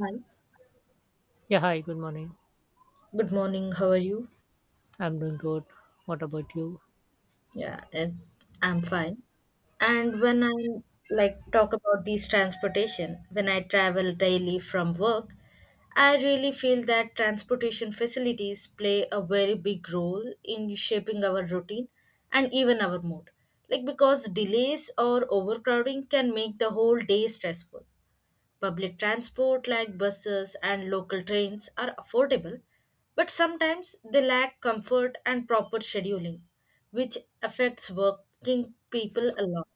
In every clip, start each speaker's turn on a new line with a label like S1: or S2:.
S1: Hi.
S2: Yeah, hi, good morning.
S1: Good morning. How are you?
S2: I'm doing good. What about you?
S1: Yeah, and I'm fine. And when I like talk about these transportation, when I travel daily from work, I really feel that transportation facilities play a very big role in shaping our routine and even our mood. Like because delays or overcrowding can make the whole day stressful. Public transport like buses and local trains are affordable, but sometimes they lack comfort and proper scheduling, which affects working people a lot.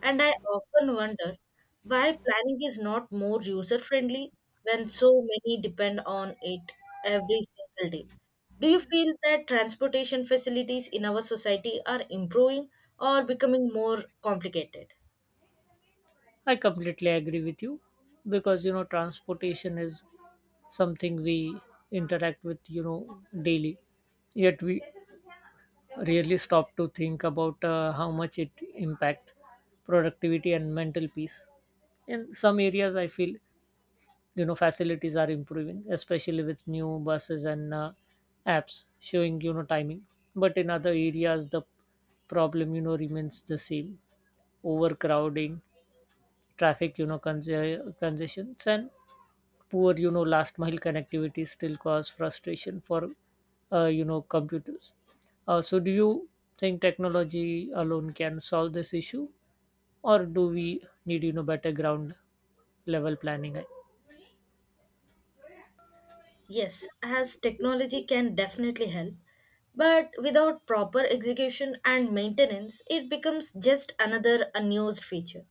S1: And I often wonder why planning is not more user friendly when so many depend on it every single day. Do you feel that transportation facilities in our society are improving or becoming more complicated?
S2: I completely agree with you because transportation is something we interact with, daily. Yet we rarely stop to think about how much it impact productivity and mental peace. In some areas, I feel facilities are improving, especially with new buses and apps showing timing. But in other areas, the problem remains the same overcrowding, traffic, congestions, and poor, last mile connectivity still cause frustration for, computers. So, do you think technology alone can solve this issue, or do we need, better ground level planning?
S1: Yes, as technology can definitely help, but without proper execution and maintenance, it becomes just another unused feature,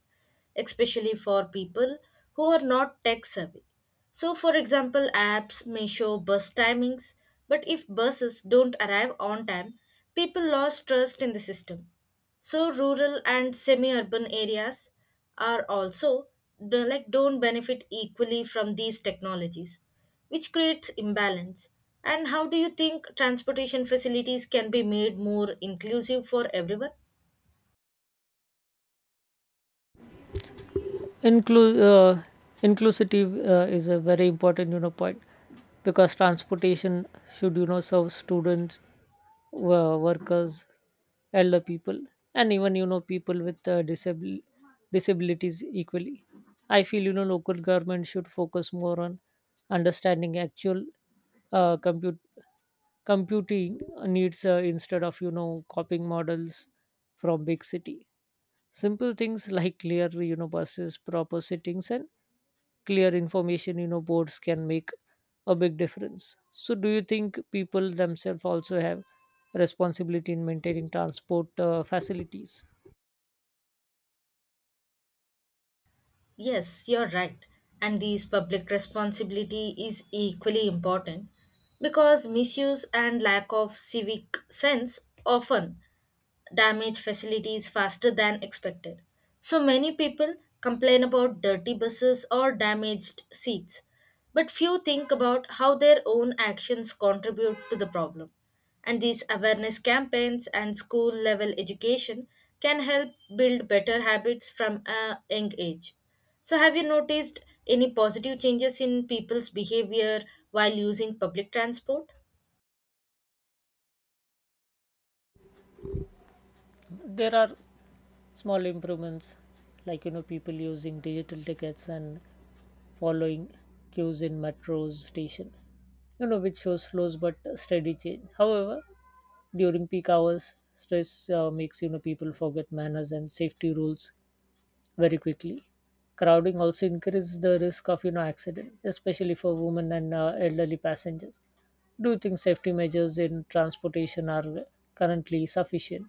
S1: especially for people who are not tech savvy. So, for example, apps may show bus timings, but if buses don't arrive on time, people lose trust in the system, so rural and semi-urban areas are also like don't benefit equally from these technologies, which creates imbalance. And how do you think transportation facilities can be made more inclusive for everyone?
S2: Inclu- uh, Inclusivity is a very important point because transportation should serve students, workers, elder people, and even people with disabilities equally. I feel local government should focus more on understanding actual compute computing needs instead of copying models from big city. Simple things like clear buses, proper settings, and clear information boards can make a big difference. So do you think people themselves also have responsibility in maintaining transport facilities?
S1: Yes, you're right. And these public responsibility is equally important because misuse and lack of civic sense often damage facilities faster than expected. So many people complain about dirty buses or damaged seats, but few think about how their own actions contribute to the problem. And these awareness campaigns and school level education can help build better habits from a young age. So, have you noticed any positive changes in people's behavior while using public transport?
S2: There are small improvements like people using digital tickets and following queues in metros station, which shows flows but steady change. However, during peak hours, stress makes people forget manners and safety rules very quickly. Crowding also increases the risk of accident, especially for women and elderly passengers. Do you think safety measures in transportation are currently sufficient?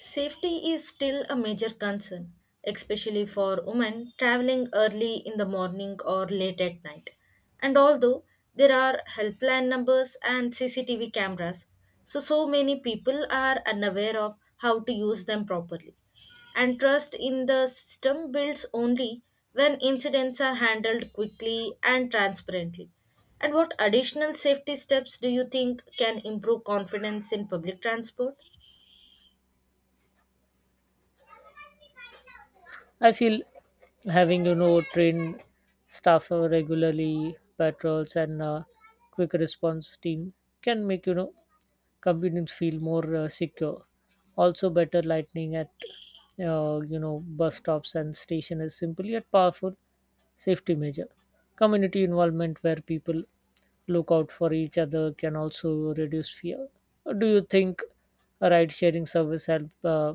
S1: Safety is still a major concern, especially for women traveling early in the morning or late at night. And although there are helpline numbers and CCTV cameras, so many people are unaware of how to use them properly. And trust in the system builds only when incidents are handled quickly and transparently. And what additional safety steps do you think can improve confidence in public transport?
S2: I feel having trained staff who regularly patrols and quick response team can make convenience feel more secure. Also, better lighting at bus stops and station is simply a powerful safety measure. Community involvement where people look out for each other can also reduce fear. Do you think a ride sharing service help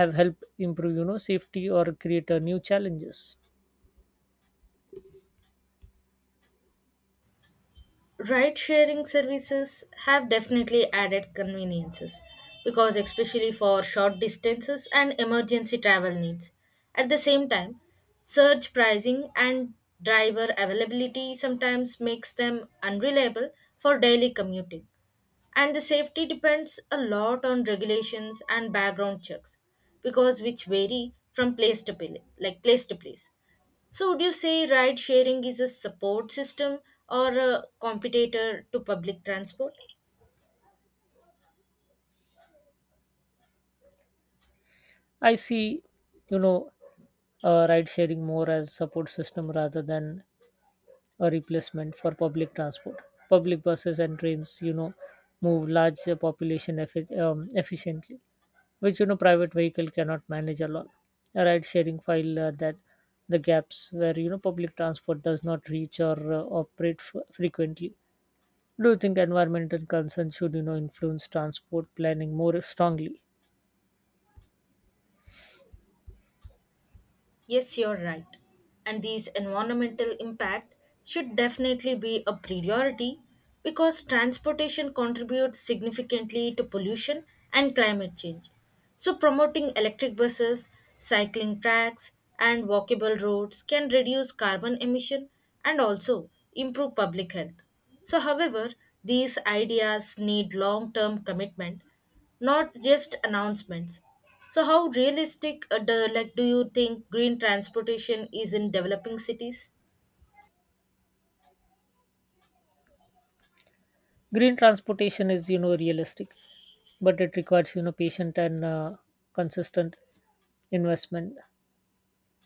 S2: have helped improve safety or create new challenges?
S1: Ride sharing services have definitely added conveniences because, especially for short distances and emergency travel needs. At the same time, surge pricing and driver availability sometimes makes them unreliable for daily commuting, and the safety depends a lot on regulations and background checks because which vary from place to place like place to place. So would you say ride sharing is a support system or a competitor to public transport?
S2: I see you know ride sharing more as support system rather than a replacement for public transport. Public buses and trains, move large population efficiently, which private vehicle cannot manage alone. A ride sharing file that the gaps where public transport does not reach or operate frequently. Do you think environmental concerns should influence transport planning more strongly?
S1: Yes, you're right. And these environmental impact should definitely be a priority because transportation contributes significantly to pollution and climate change. So promoting electric buses, cycling tracks, and walkable roads can reduce carbon emission and also improve public health. So however, these ideas need long-term commitment, not just announcements. So, how realistic do, like do you think green transportation is in developing cities?
S2: Green transportation is realistic, but it requires patient and consistent investment.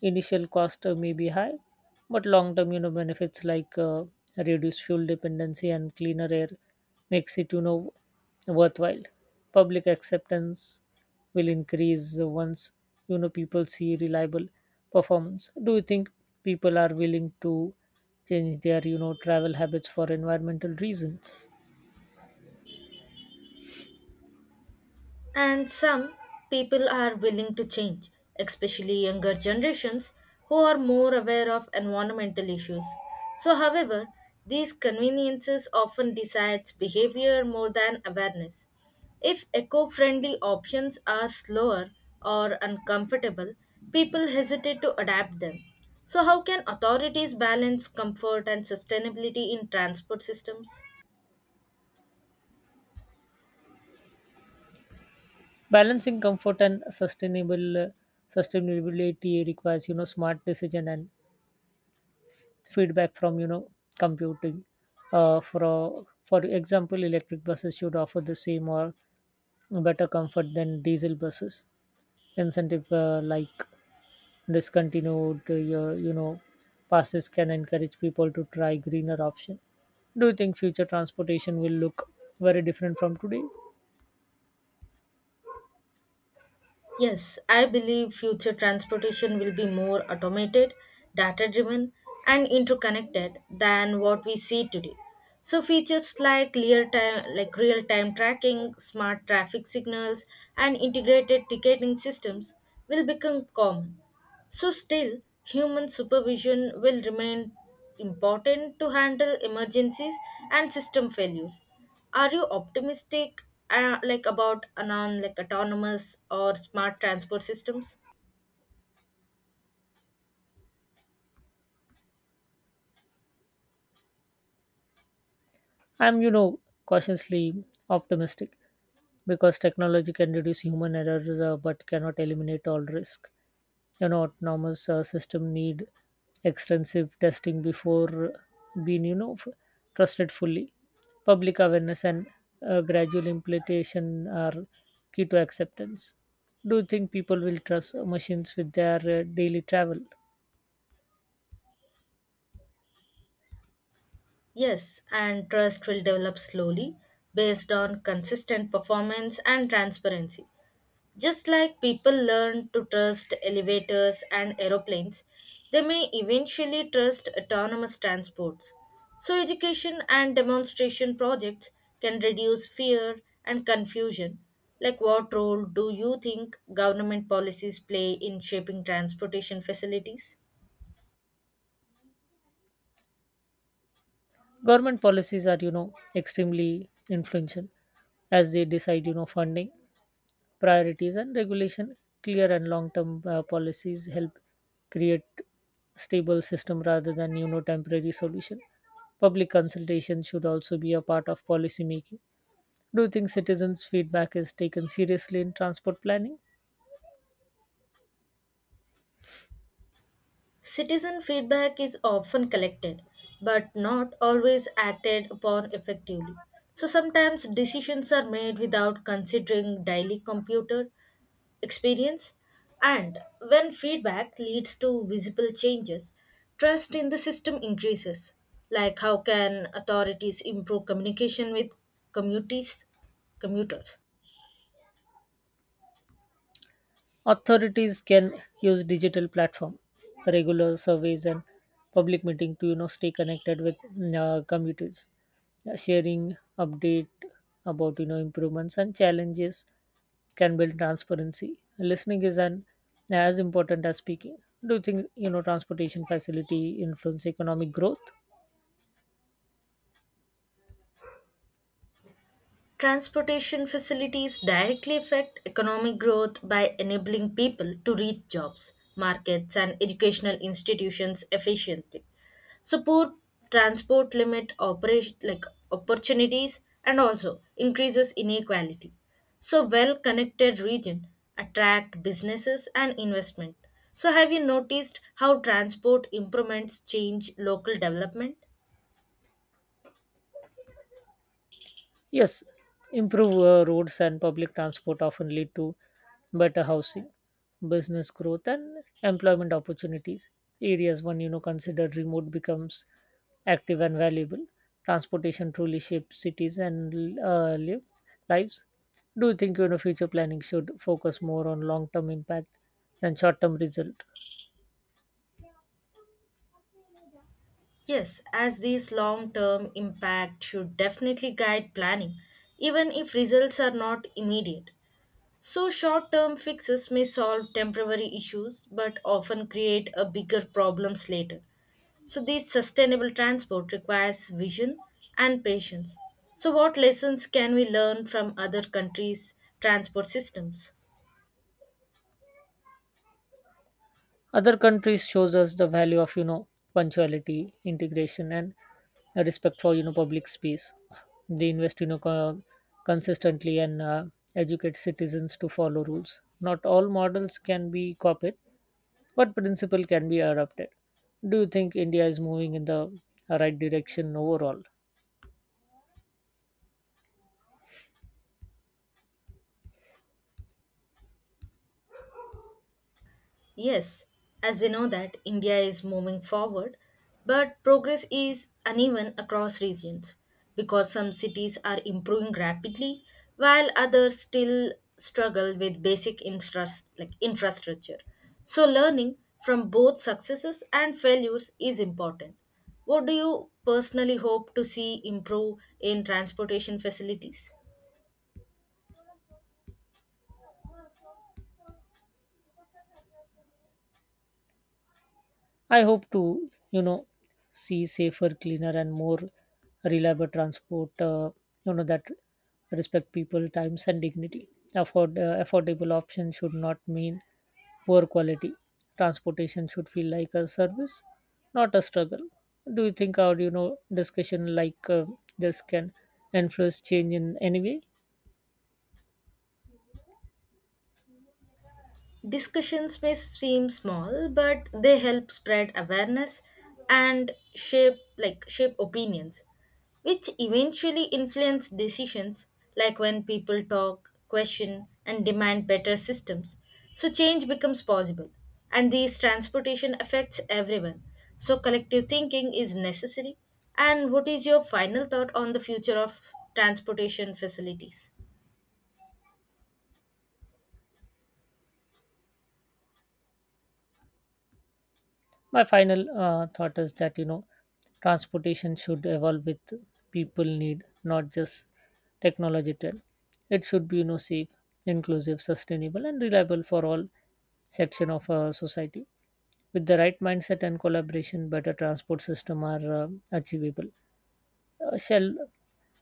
S2: Initial cost may be high, but long-term, benefits like reduced fuel dependency and cleaner air makes it, worthwhile. Public acceptance will increase once, people see reliable performance. Do you think people are willing to change their, travel habits for environmental reasons?
S1: And some people are willing to change, especially younger generations who are more aware of environmental issues. So, however, these conveniences often decides behavior more than awareness. If eco-friendly options are slower or uncomfortable, people hesitate to adapt them. So, how can authorities balance comfort and sustainability in transport systems?
S2: Balancing comfort and sustainable sustainability requires, smart decision and feedback from computing. For example, electric buses should offer the same or better comfort than diesel buses. Incentive like discontinued your passes can encourage people to try greener option. Do you think future transportation will look very different from today?
S1: Yes, I believe future transportation will be more automated, data driven, and interconnected than what we see today. So features like real time tracking, smart traffic signals, and integrated ticketing systems will become common. So still human supervision will remain important to handle emergencies and system failures. Are you optimistic like about anon like autonomous or smart transport systems?
S2: I'm, cautiously optimistic because technology can reduce human errors but cannot eliminate all risk. Autonomous system need extensive testing before being, trusted fully. Public awareness and gradual implementation are key to acceptance. Do you think people will trust machines with their daily travel?
S1: Yes, and trust will develop slowly based on consistent performance and transparency. Just like people learn to trust elevators and aeroplanes, they may eventually trust autonomous transports. So, education and demonstration projects can reduce fear and confusion. Like, what role do you think government policies play in shaping transportation facilities?
S2: Government policies are, extremely influential as they decide, funding priorities and regulation. Clear and long term policies help create stable system rather than temporary solution. Public consultation should also be a part of policy making. Do you think citizens feedback is taken seriously in transport planning?
S1: Citizen feedback is often collected, but not always acted upon effectively. So sometimes decisions are made without considering daily computer experience, and when feedback leads to visible changes, trust in the system increases. Like how can authorities improve communication with communities, commuters?
S2: Authorities can use digital platform, regular surveys and public meeting to stay connected with commuters. Sharing update about improvements and challenges can build transparency. Listening is an as important as speaking. Do you think transportation facility influence economic growth?
S1: Transportation facilities directly affect economic growth by enabling people to reach jobs, markets, and educational institutions efficiently. So poor transport limit operation like opportunities and also increases inequality. So well-connected region attract businesses and investment. So have you noticed how transport improvements change local development?
S2: Yes, improved roads and public transport often lead to better housing, business growth, and employment opportunities. Areas one considered remote becomes active and valuable. Transportation truly shapes cities and lives. Do you think future planning should focus more on long-term impact than short-term result?
S1: Yes, as these long term impact should definitely guide planning, even if results are not immediate. So, short term fixes may solve temporary issues but often create a bigger problems later. So, this sustainable transport requires vision and patience. So, what lessons can we learn from other countries' transport systems?
S2: Other countries shows us the value of punctuality, integration, and a respect for public space. They invest consistently and educate citizens to follow rules. Not all models can be copied, but principle can be adopted. Do you think India is moving in the right direction overall?
S1: Yes, as we know that India is moving forward, but progress is uneven across regions because some cities are improving rapidly while others still struggle with basic like infrastructure. So learning from both successes and failures is important. What do you personally hope to see improve in transportation facilities?
S2: I hope to, see safer, cleaner, and more reliable transport that respect people, times, and dignity. Affordable options should not mean poor quality. Transportation should feel like a service, not a struggle. Do you think our discussion this can influence change in any way?
S1: Discussions may seem small, but they help spread awareness and shape opinions, which eventually influence decisions like when people talk, question and demand better systems. So change becomes possible and these transportation affects everyone. So collective thinking is necessary. And what is your final thought on the future of transportation facilities?
S2: My final thought is that transportation should evolve with people need, not just technology trend. It should be safe, inclusive, sustainable, and reliable for all section of society. With the right mindset and collaboration, better transport system are achievable. Shall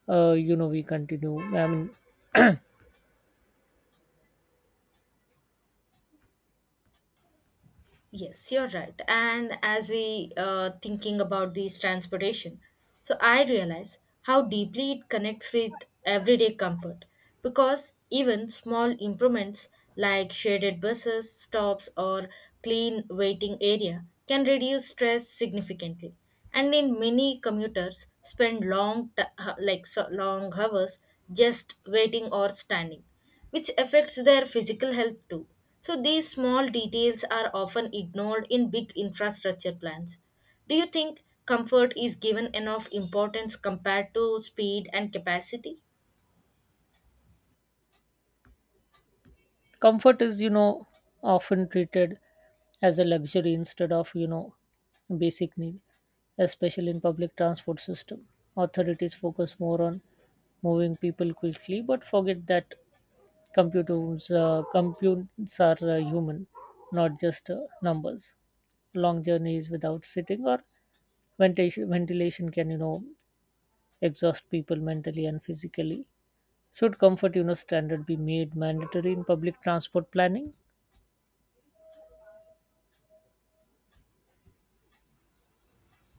S2: we continue, I mean?
S1: Yes, you're right. And as we thinking about these transportation, so I realize how deeply it connects with everyday comfort because even small improvements like shaded buses, stops, or clean waiting area can reduce stress significantly. And in many commuters spend like so long hours just waiting or standing, which affects their physical health too. So, these small details are often ignored in big infrastructure plans. Do you think comfort is given enough importance compared to speed and capacity?
S2: Comfort is, often treated as a luxury instead of, basic need, especially in public transport system. Authorities focus more on moving people quickly, but forget that computers are human, not just numbers. Long journeys without sitting or ventilation can, exhaust people mentally and physically. Should comfort, standard be made mandatory in public transport planning?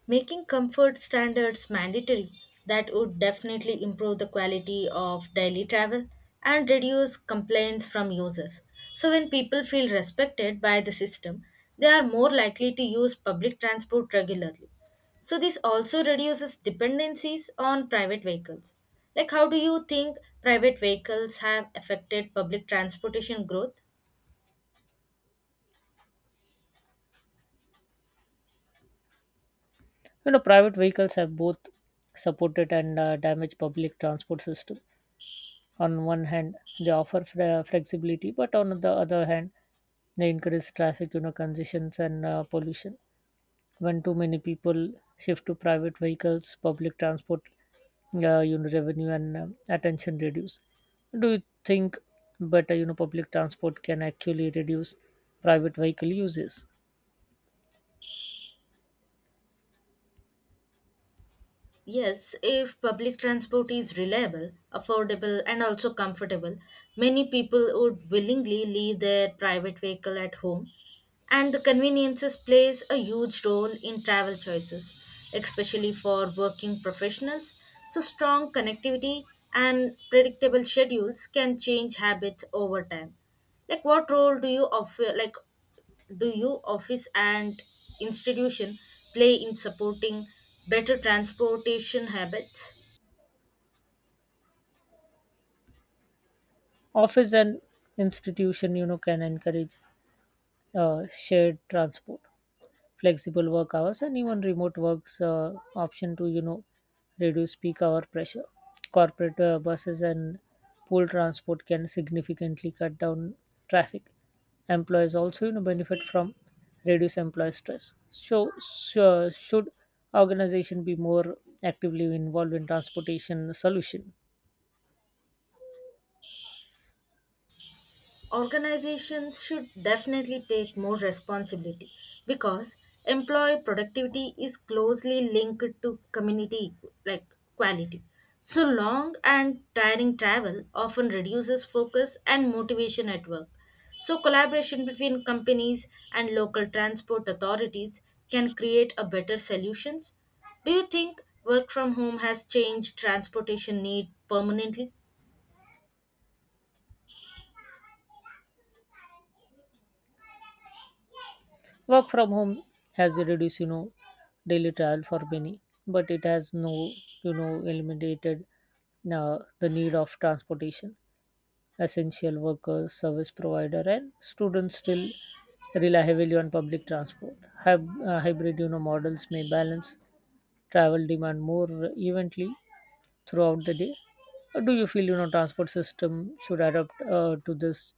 S1: Making comfort standards mandatory, that would definitely improve the quality of daily travel and reduce complaints from users. So, when people feel respected by the system, they are more likely to use public transport regularly. So, this also reduces dependencies on private vehicles. Like, how do you think private vehicles have affected public transportation growth?
S2: Private vehicles have both supported and damaged public transport system. On one hand they offer flexibility, but on the other hand they increase traffic, congestions and pollution. When too many people shift to private vehicles, public transport revenue and attention reduce. Do you think better public transport can actually reduce private vehicle uses?
S1: Yes, if public transport is reliable, affordable, and also comfortable, many people would willingly leave their private vehicle at home. And the conveniences plays a huge role in travel choices, especially for working professionals. So strong connectivity and predictable schedules can change habits over time. Like what role do you offer like do you office and institution play in supporting better transportation habits?
S2: Office and institution can encourage shared transport, flexible work hours, and even remote works option to reduce peak hour pressure. Corporate buses and pool transport can significantly cut down traffic. Employers also benefit from reduced employee stress. So should organization be more actively involved in transportation solution?
S1: Organizations should definitely take more responsibility because employee productivity is closely linked to community like quality. So long and tiring travel often reduces focus and motivation at work. So collaboration between companies and local transport authorities can create a better solutions. Do you think work from home has changed transportation need permanently?
S2: Work from home has reduced, daily travel for many, but it has no, eliminated the need of transportation. Essential workers, service provider, and students still rely heavily on public transport. Hybrid, models may balance travel demand more evenly throughout the day. Or do you feel, transport system should adapt to this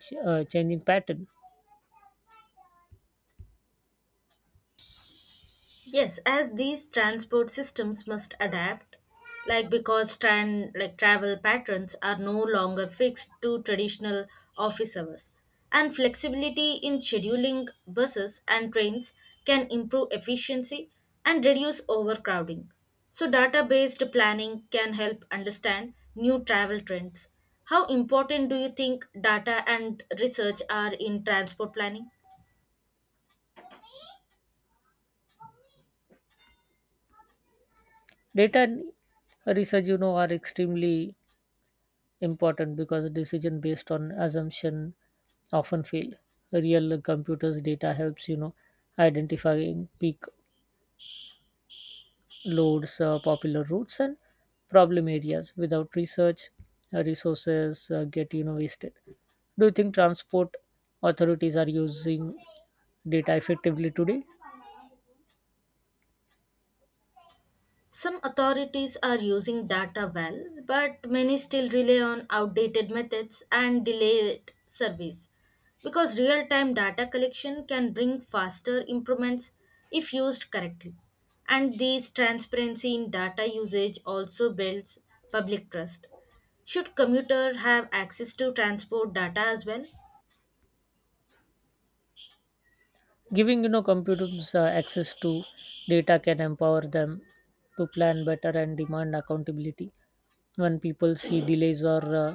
S2: changing pattern?
S1: Yes, as these transport systems must adapt, like because like travel patterns are no longer fixed to traditional office hours, and flexibility in scheduling buses and trains can improve efficiency and reduce overcrowding. So, data-based planning can help understand new travel trends. How important do you think data and research are in transport planning?
S2: Data and research, are extremely important because decision based on assumption often fail. Real computers data helps identifying peak loads, popular routes, and problem areas. Without research, resources get wasted. Do you think transport authorities are using data effectively today?
S1: Some authorities are using data well, but many still rely on outdated methods and delayed service. Because real time data collection can bring faster improvements if used correctly. And this transparency in data usage also builds public trust. Should commuter have access to transport data as well?
S2: Giving computers access to data can empower them to plan better and demand accountability. When people see delays or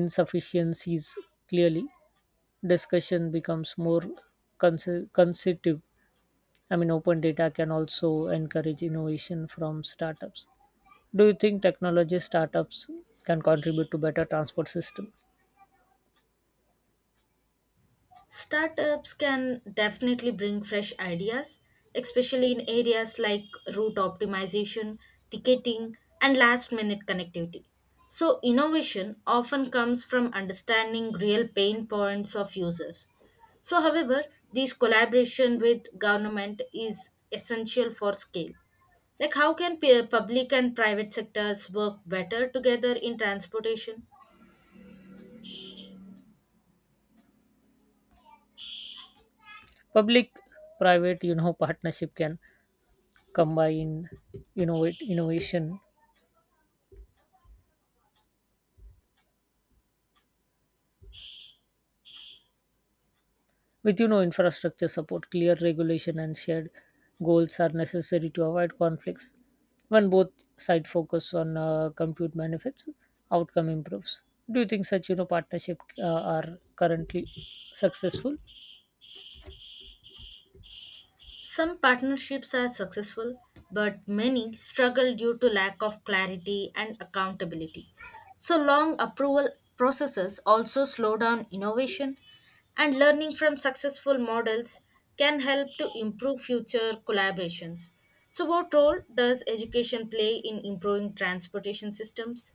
S2: insufficiencies clearly, discussion becomes more constitutive, I mean. Open data can also encourage innovation from startups. Do you think technology startups can contribute to better transport system?
S1: Startups can definitely bring fresh ideas, especially in areas like route optimization, ticketing, and last minute connectivity. So, innovation often comes from understanding real pain points of users. So, however, this collaboration with government is essential for scale. Like, how can public and private sectors work better together in transportation?
S2: Public private partnership can combine innovate innovation. With infrastructure support, clear regulation and shared goals are necessary to avoid conflicts. When both sides focus on compute benefits, outcome improves. Do you think such partnership are currently successful?
S1: Some partnerships are successful, but many struggle due to lack of clarity and accountability. So, long approval processes also slow down innovation, and learning from successful models can help to improve future collaborations. So, what role does education play in improving transportation systems?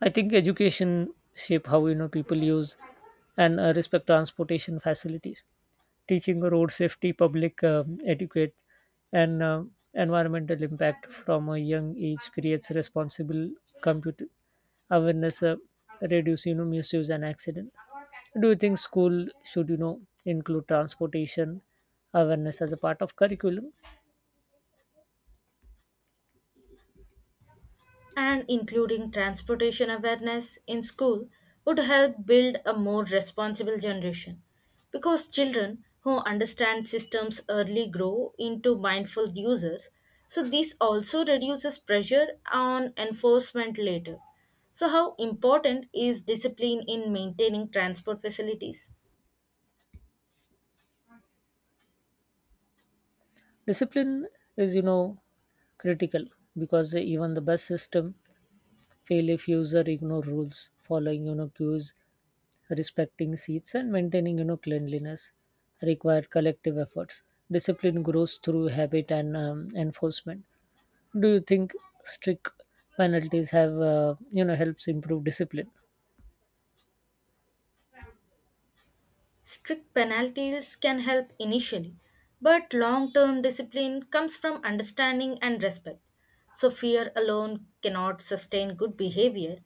S2: I think education shape how people use and respect transportation facilities. Teaching road safety, public etiquette, and environmental impact from a young age creates responsible computer awareness, reduce misuse and accident. Do you think school should include transportation awareness as a part of curriculum?
S1: And including transportation awareness in school would help build a more responsible generation because children who understand systems early grow into mindful users. So this also reduces pressure on enforcement later. So how important is discipline in maintaining transport facilities?
S2: Discipline is, critical because even the best system fail if user ignore rules, following, cues, respecting seats, and maintaining, cleanliness require collective efforts. Discipline grows through habit and enforcement. Do you think strict penalties have, helps improve discipline?
S1: Strict penalties can help initially, but long term discipline comes from understanding and respect. So, fear alone cannot sustain good behavior,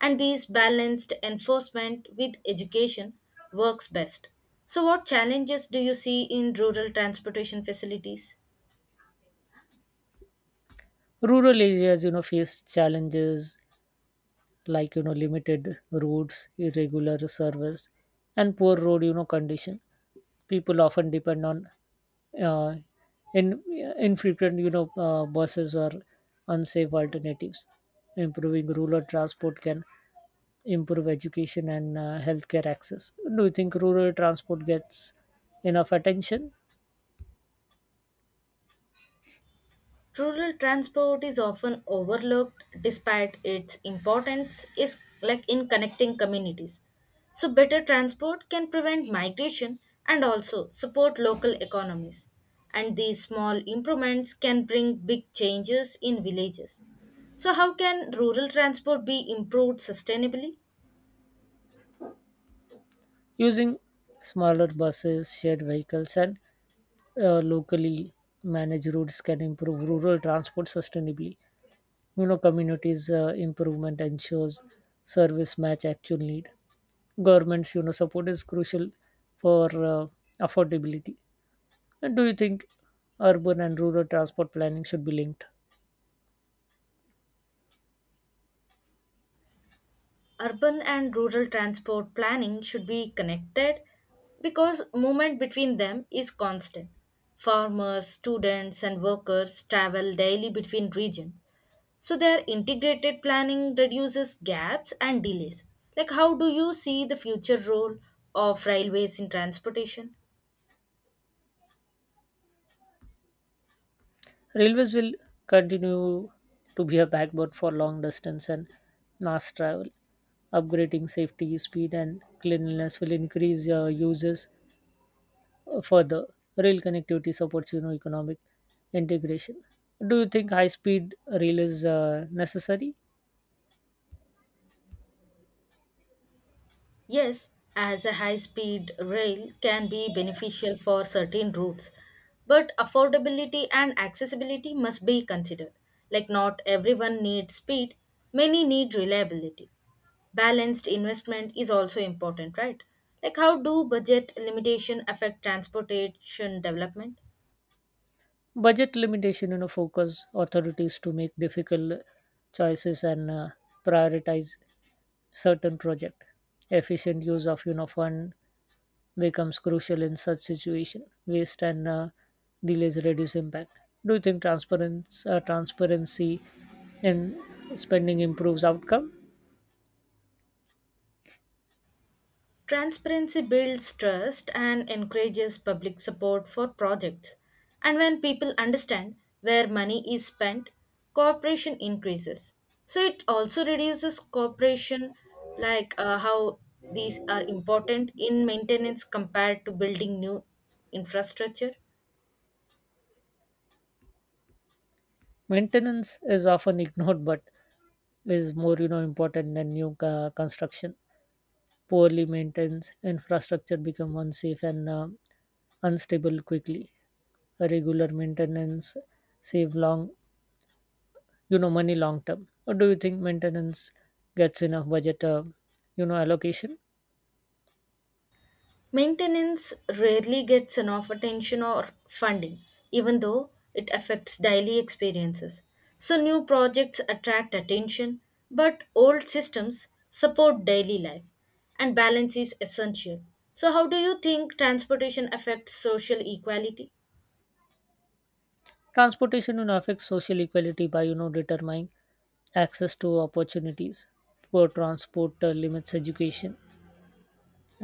S1: and these balanced enforcement with education works best. So, what challenges do you see in rural transportation facilities?
S2: Rural areas, face challenges like limited routes, irregular service, and poor road condition. People often depend on uh, in infrequent buses or unsafe alternatives. Improving rural transport can improve education and healthcare access. Do you think rural transport gets enough attention?
S1: Rural transport is often overlooked despite its importance is like in connecting communities. So better transport can prevent migration and also support local economies. And these small improvements can bring big changes in villages. So how can rural transport be improved sustainably?
S2: Using smaller buses, shared vehicles and locally managed routes can improve rural transport sustainably. Communities improvement ensures service match actual need. Governments support is crucial for uh, affordability. And do you think urban and rural transport planning should be linked?
S1: Urban and rural transport planning should be connected because movement between them is constant. Farmers, students, and workers travel daily between regions. So, their integrated planning reduces gaps and delays. Like, how do you see the future role of railways in transportation?
S2: Railways will continue to be a backbone for long distance and mass travel. Upgrading safety, speed and cleanliness will increase users. Further, rail connectivity supports economic integration. Do you think high speed rail is necessary?
S1: Yes, as a high speed rail can be beneficial for certain routes, but affordability and accessibility must be considered. Like, not everyone needs speed, many need reliability. Balanced investment is also important, right? Like, how do budget limitation affect transportation development?
S2: Budget limitation focus authorities to make difficult choices and prioritize certain project. Efficient use of fund becomes crucial in such situation. Waste and delays reduce impact. Do you think transparency in spending improves outcome?
S1: Transparency builds trust and encourages public support for projects. And when people understand where money is spent, cooperation increases. So it also reduces cooperation, like how these are important in maintenance compared to building new infrastructure.
S2: Maintenance is often ignored, but is more important than new construction. Poorly maintained infrastructure become unsafe and unstable quickly. A regular maintenance save long money long term. Or do you think maintenance gets enough budget allocation?
S1: Maintenance rarely gets enough attention or funding, even though it affects daily experiences. So, new projects attract attention, but old systems support daily life, and balance is essential. So, how do you think transportation affects social equality?
S2: Transportation affects social equality by determining access to opportunities. Poor transport limits education,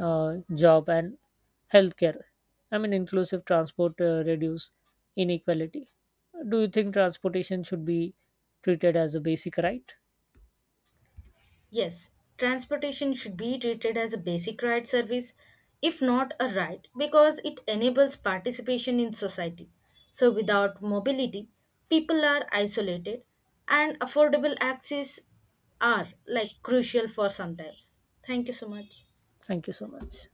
S2: job and healthcare. I mean, inclusive transport reduce inequality. Do you think transportation should be treated as a basic right?
S1: Yes, transportation should be treated as a basic right service, if not a right, because it enables participation in society. So, without mobility, people are isolated, and affordable access are like crucial for sometimes. Thank you so much.
S2: Thank you so much.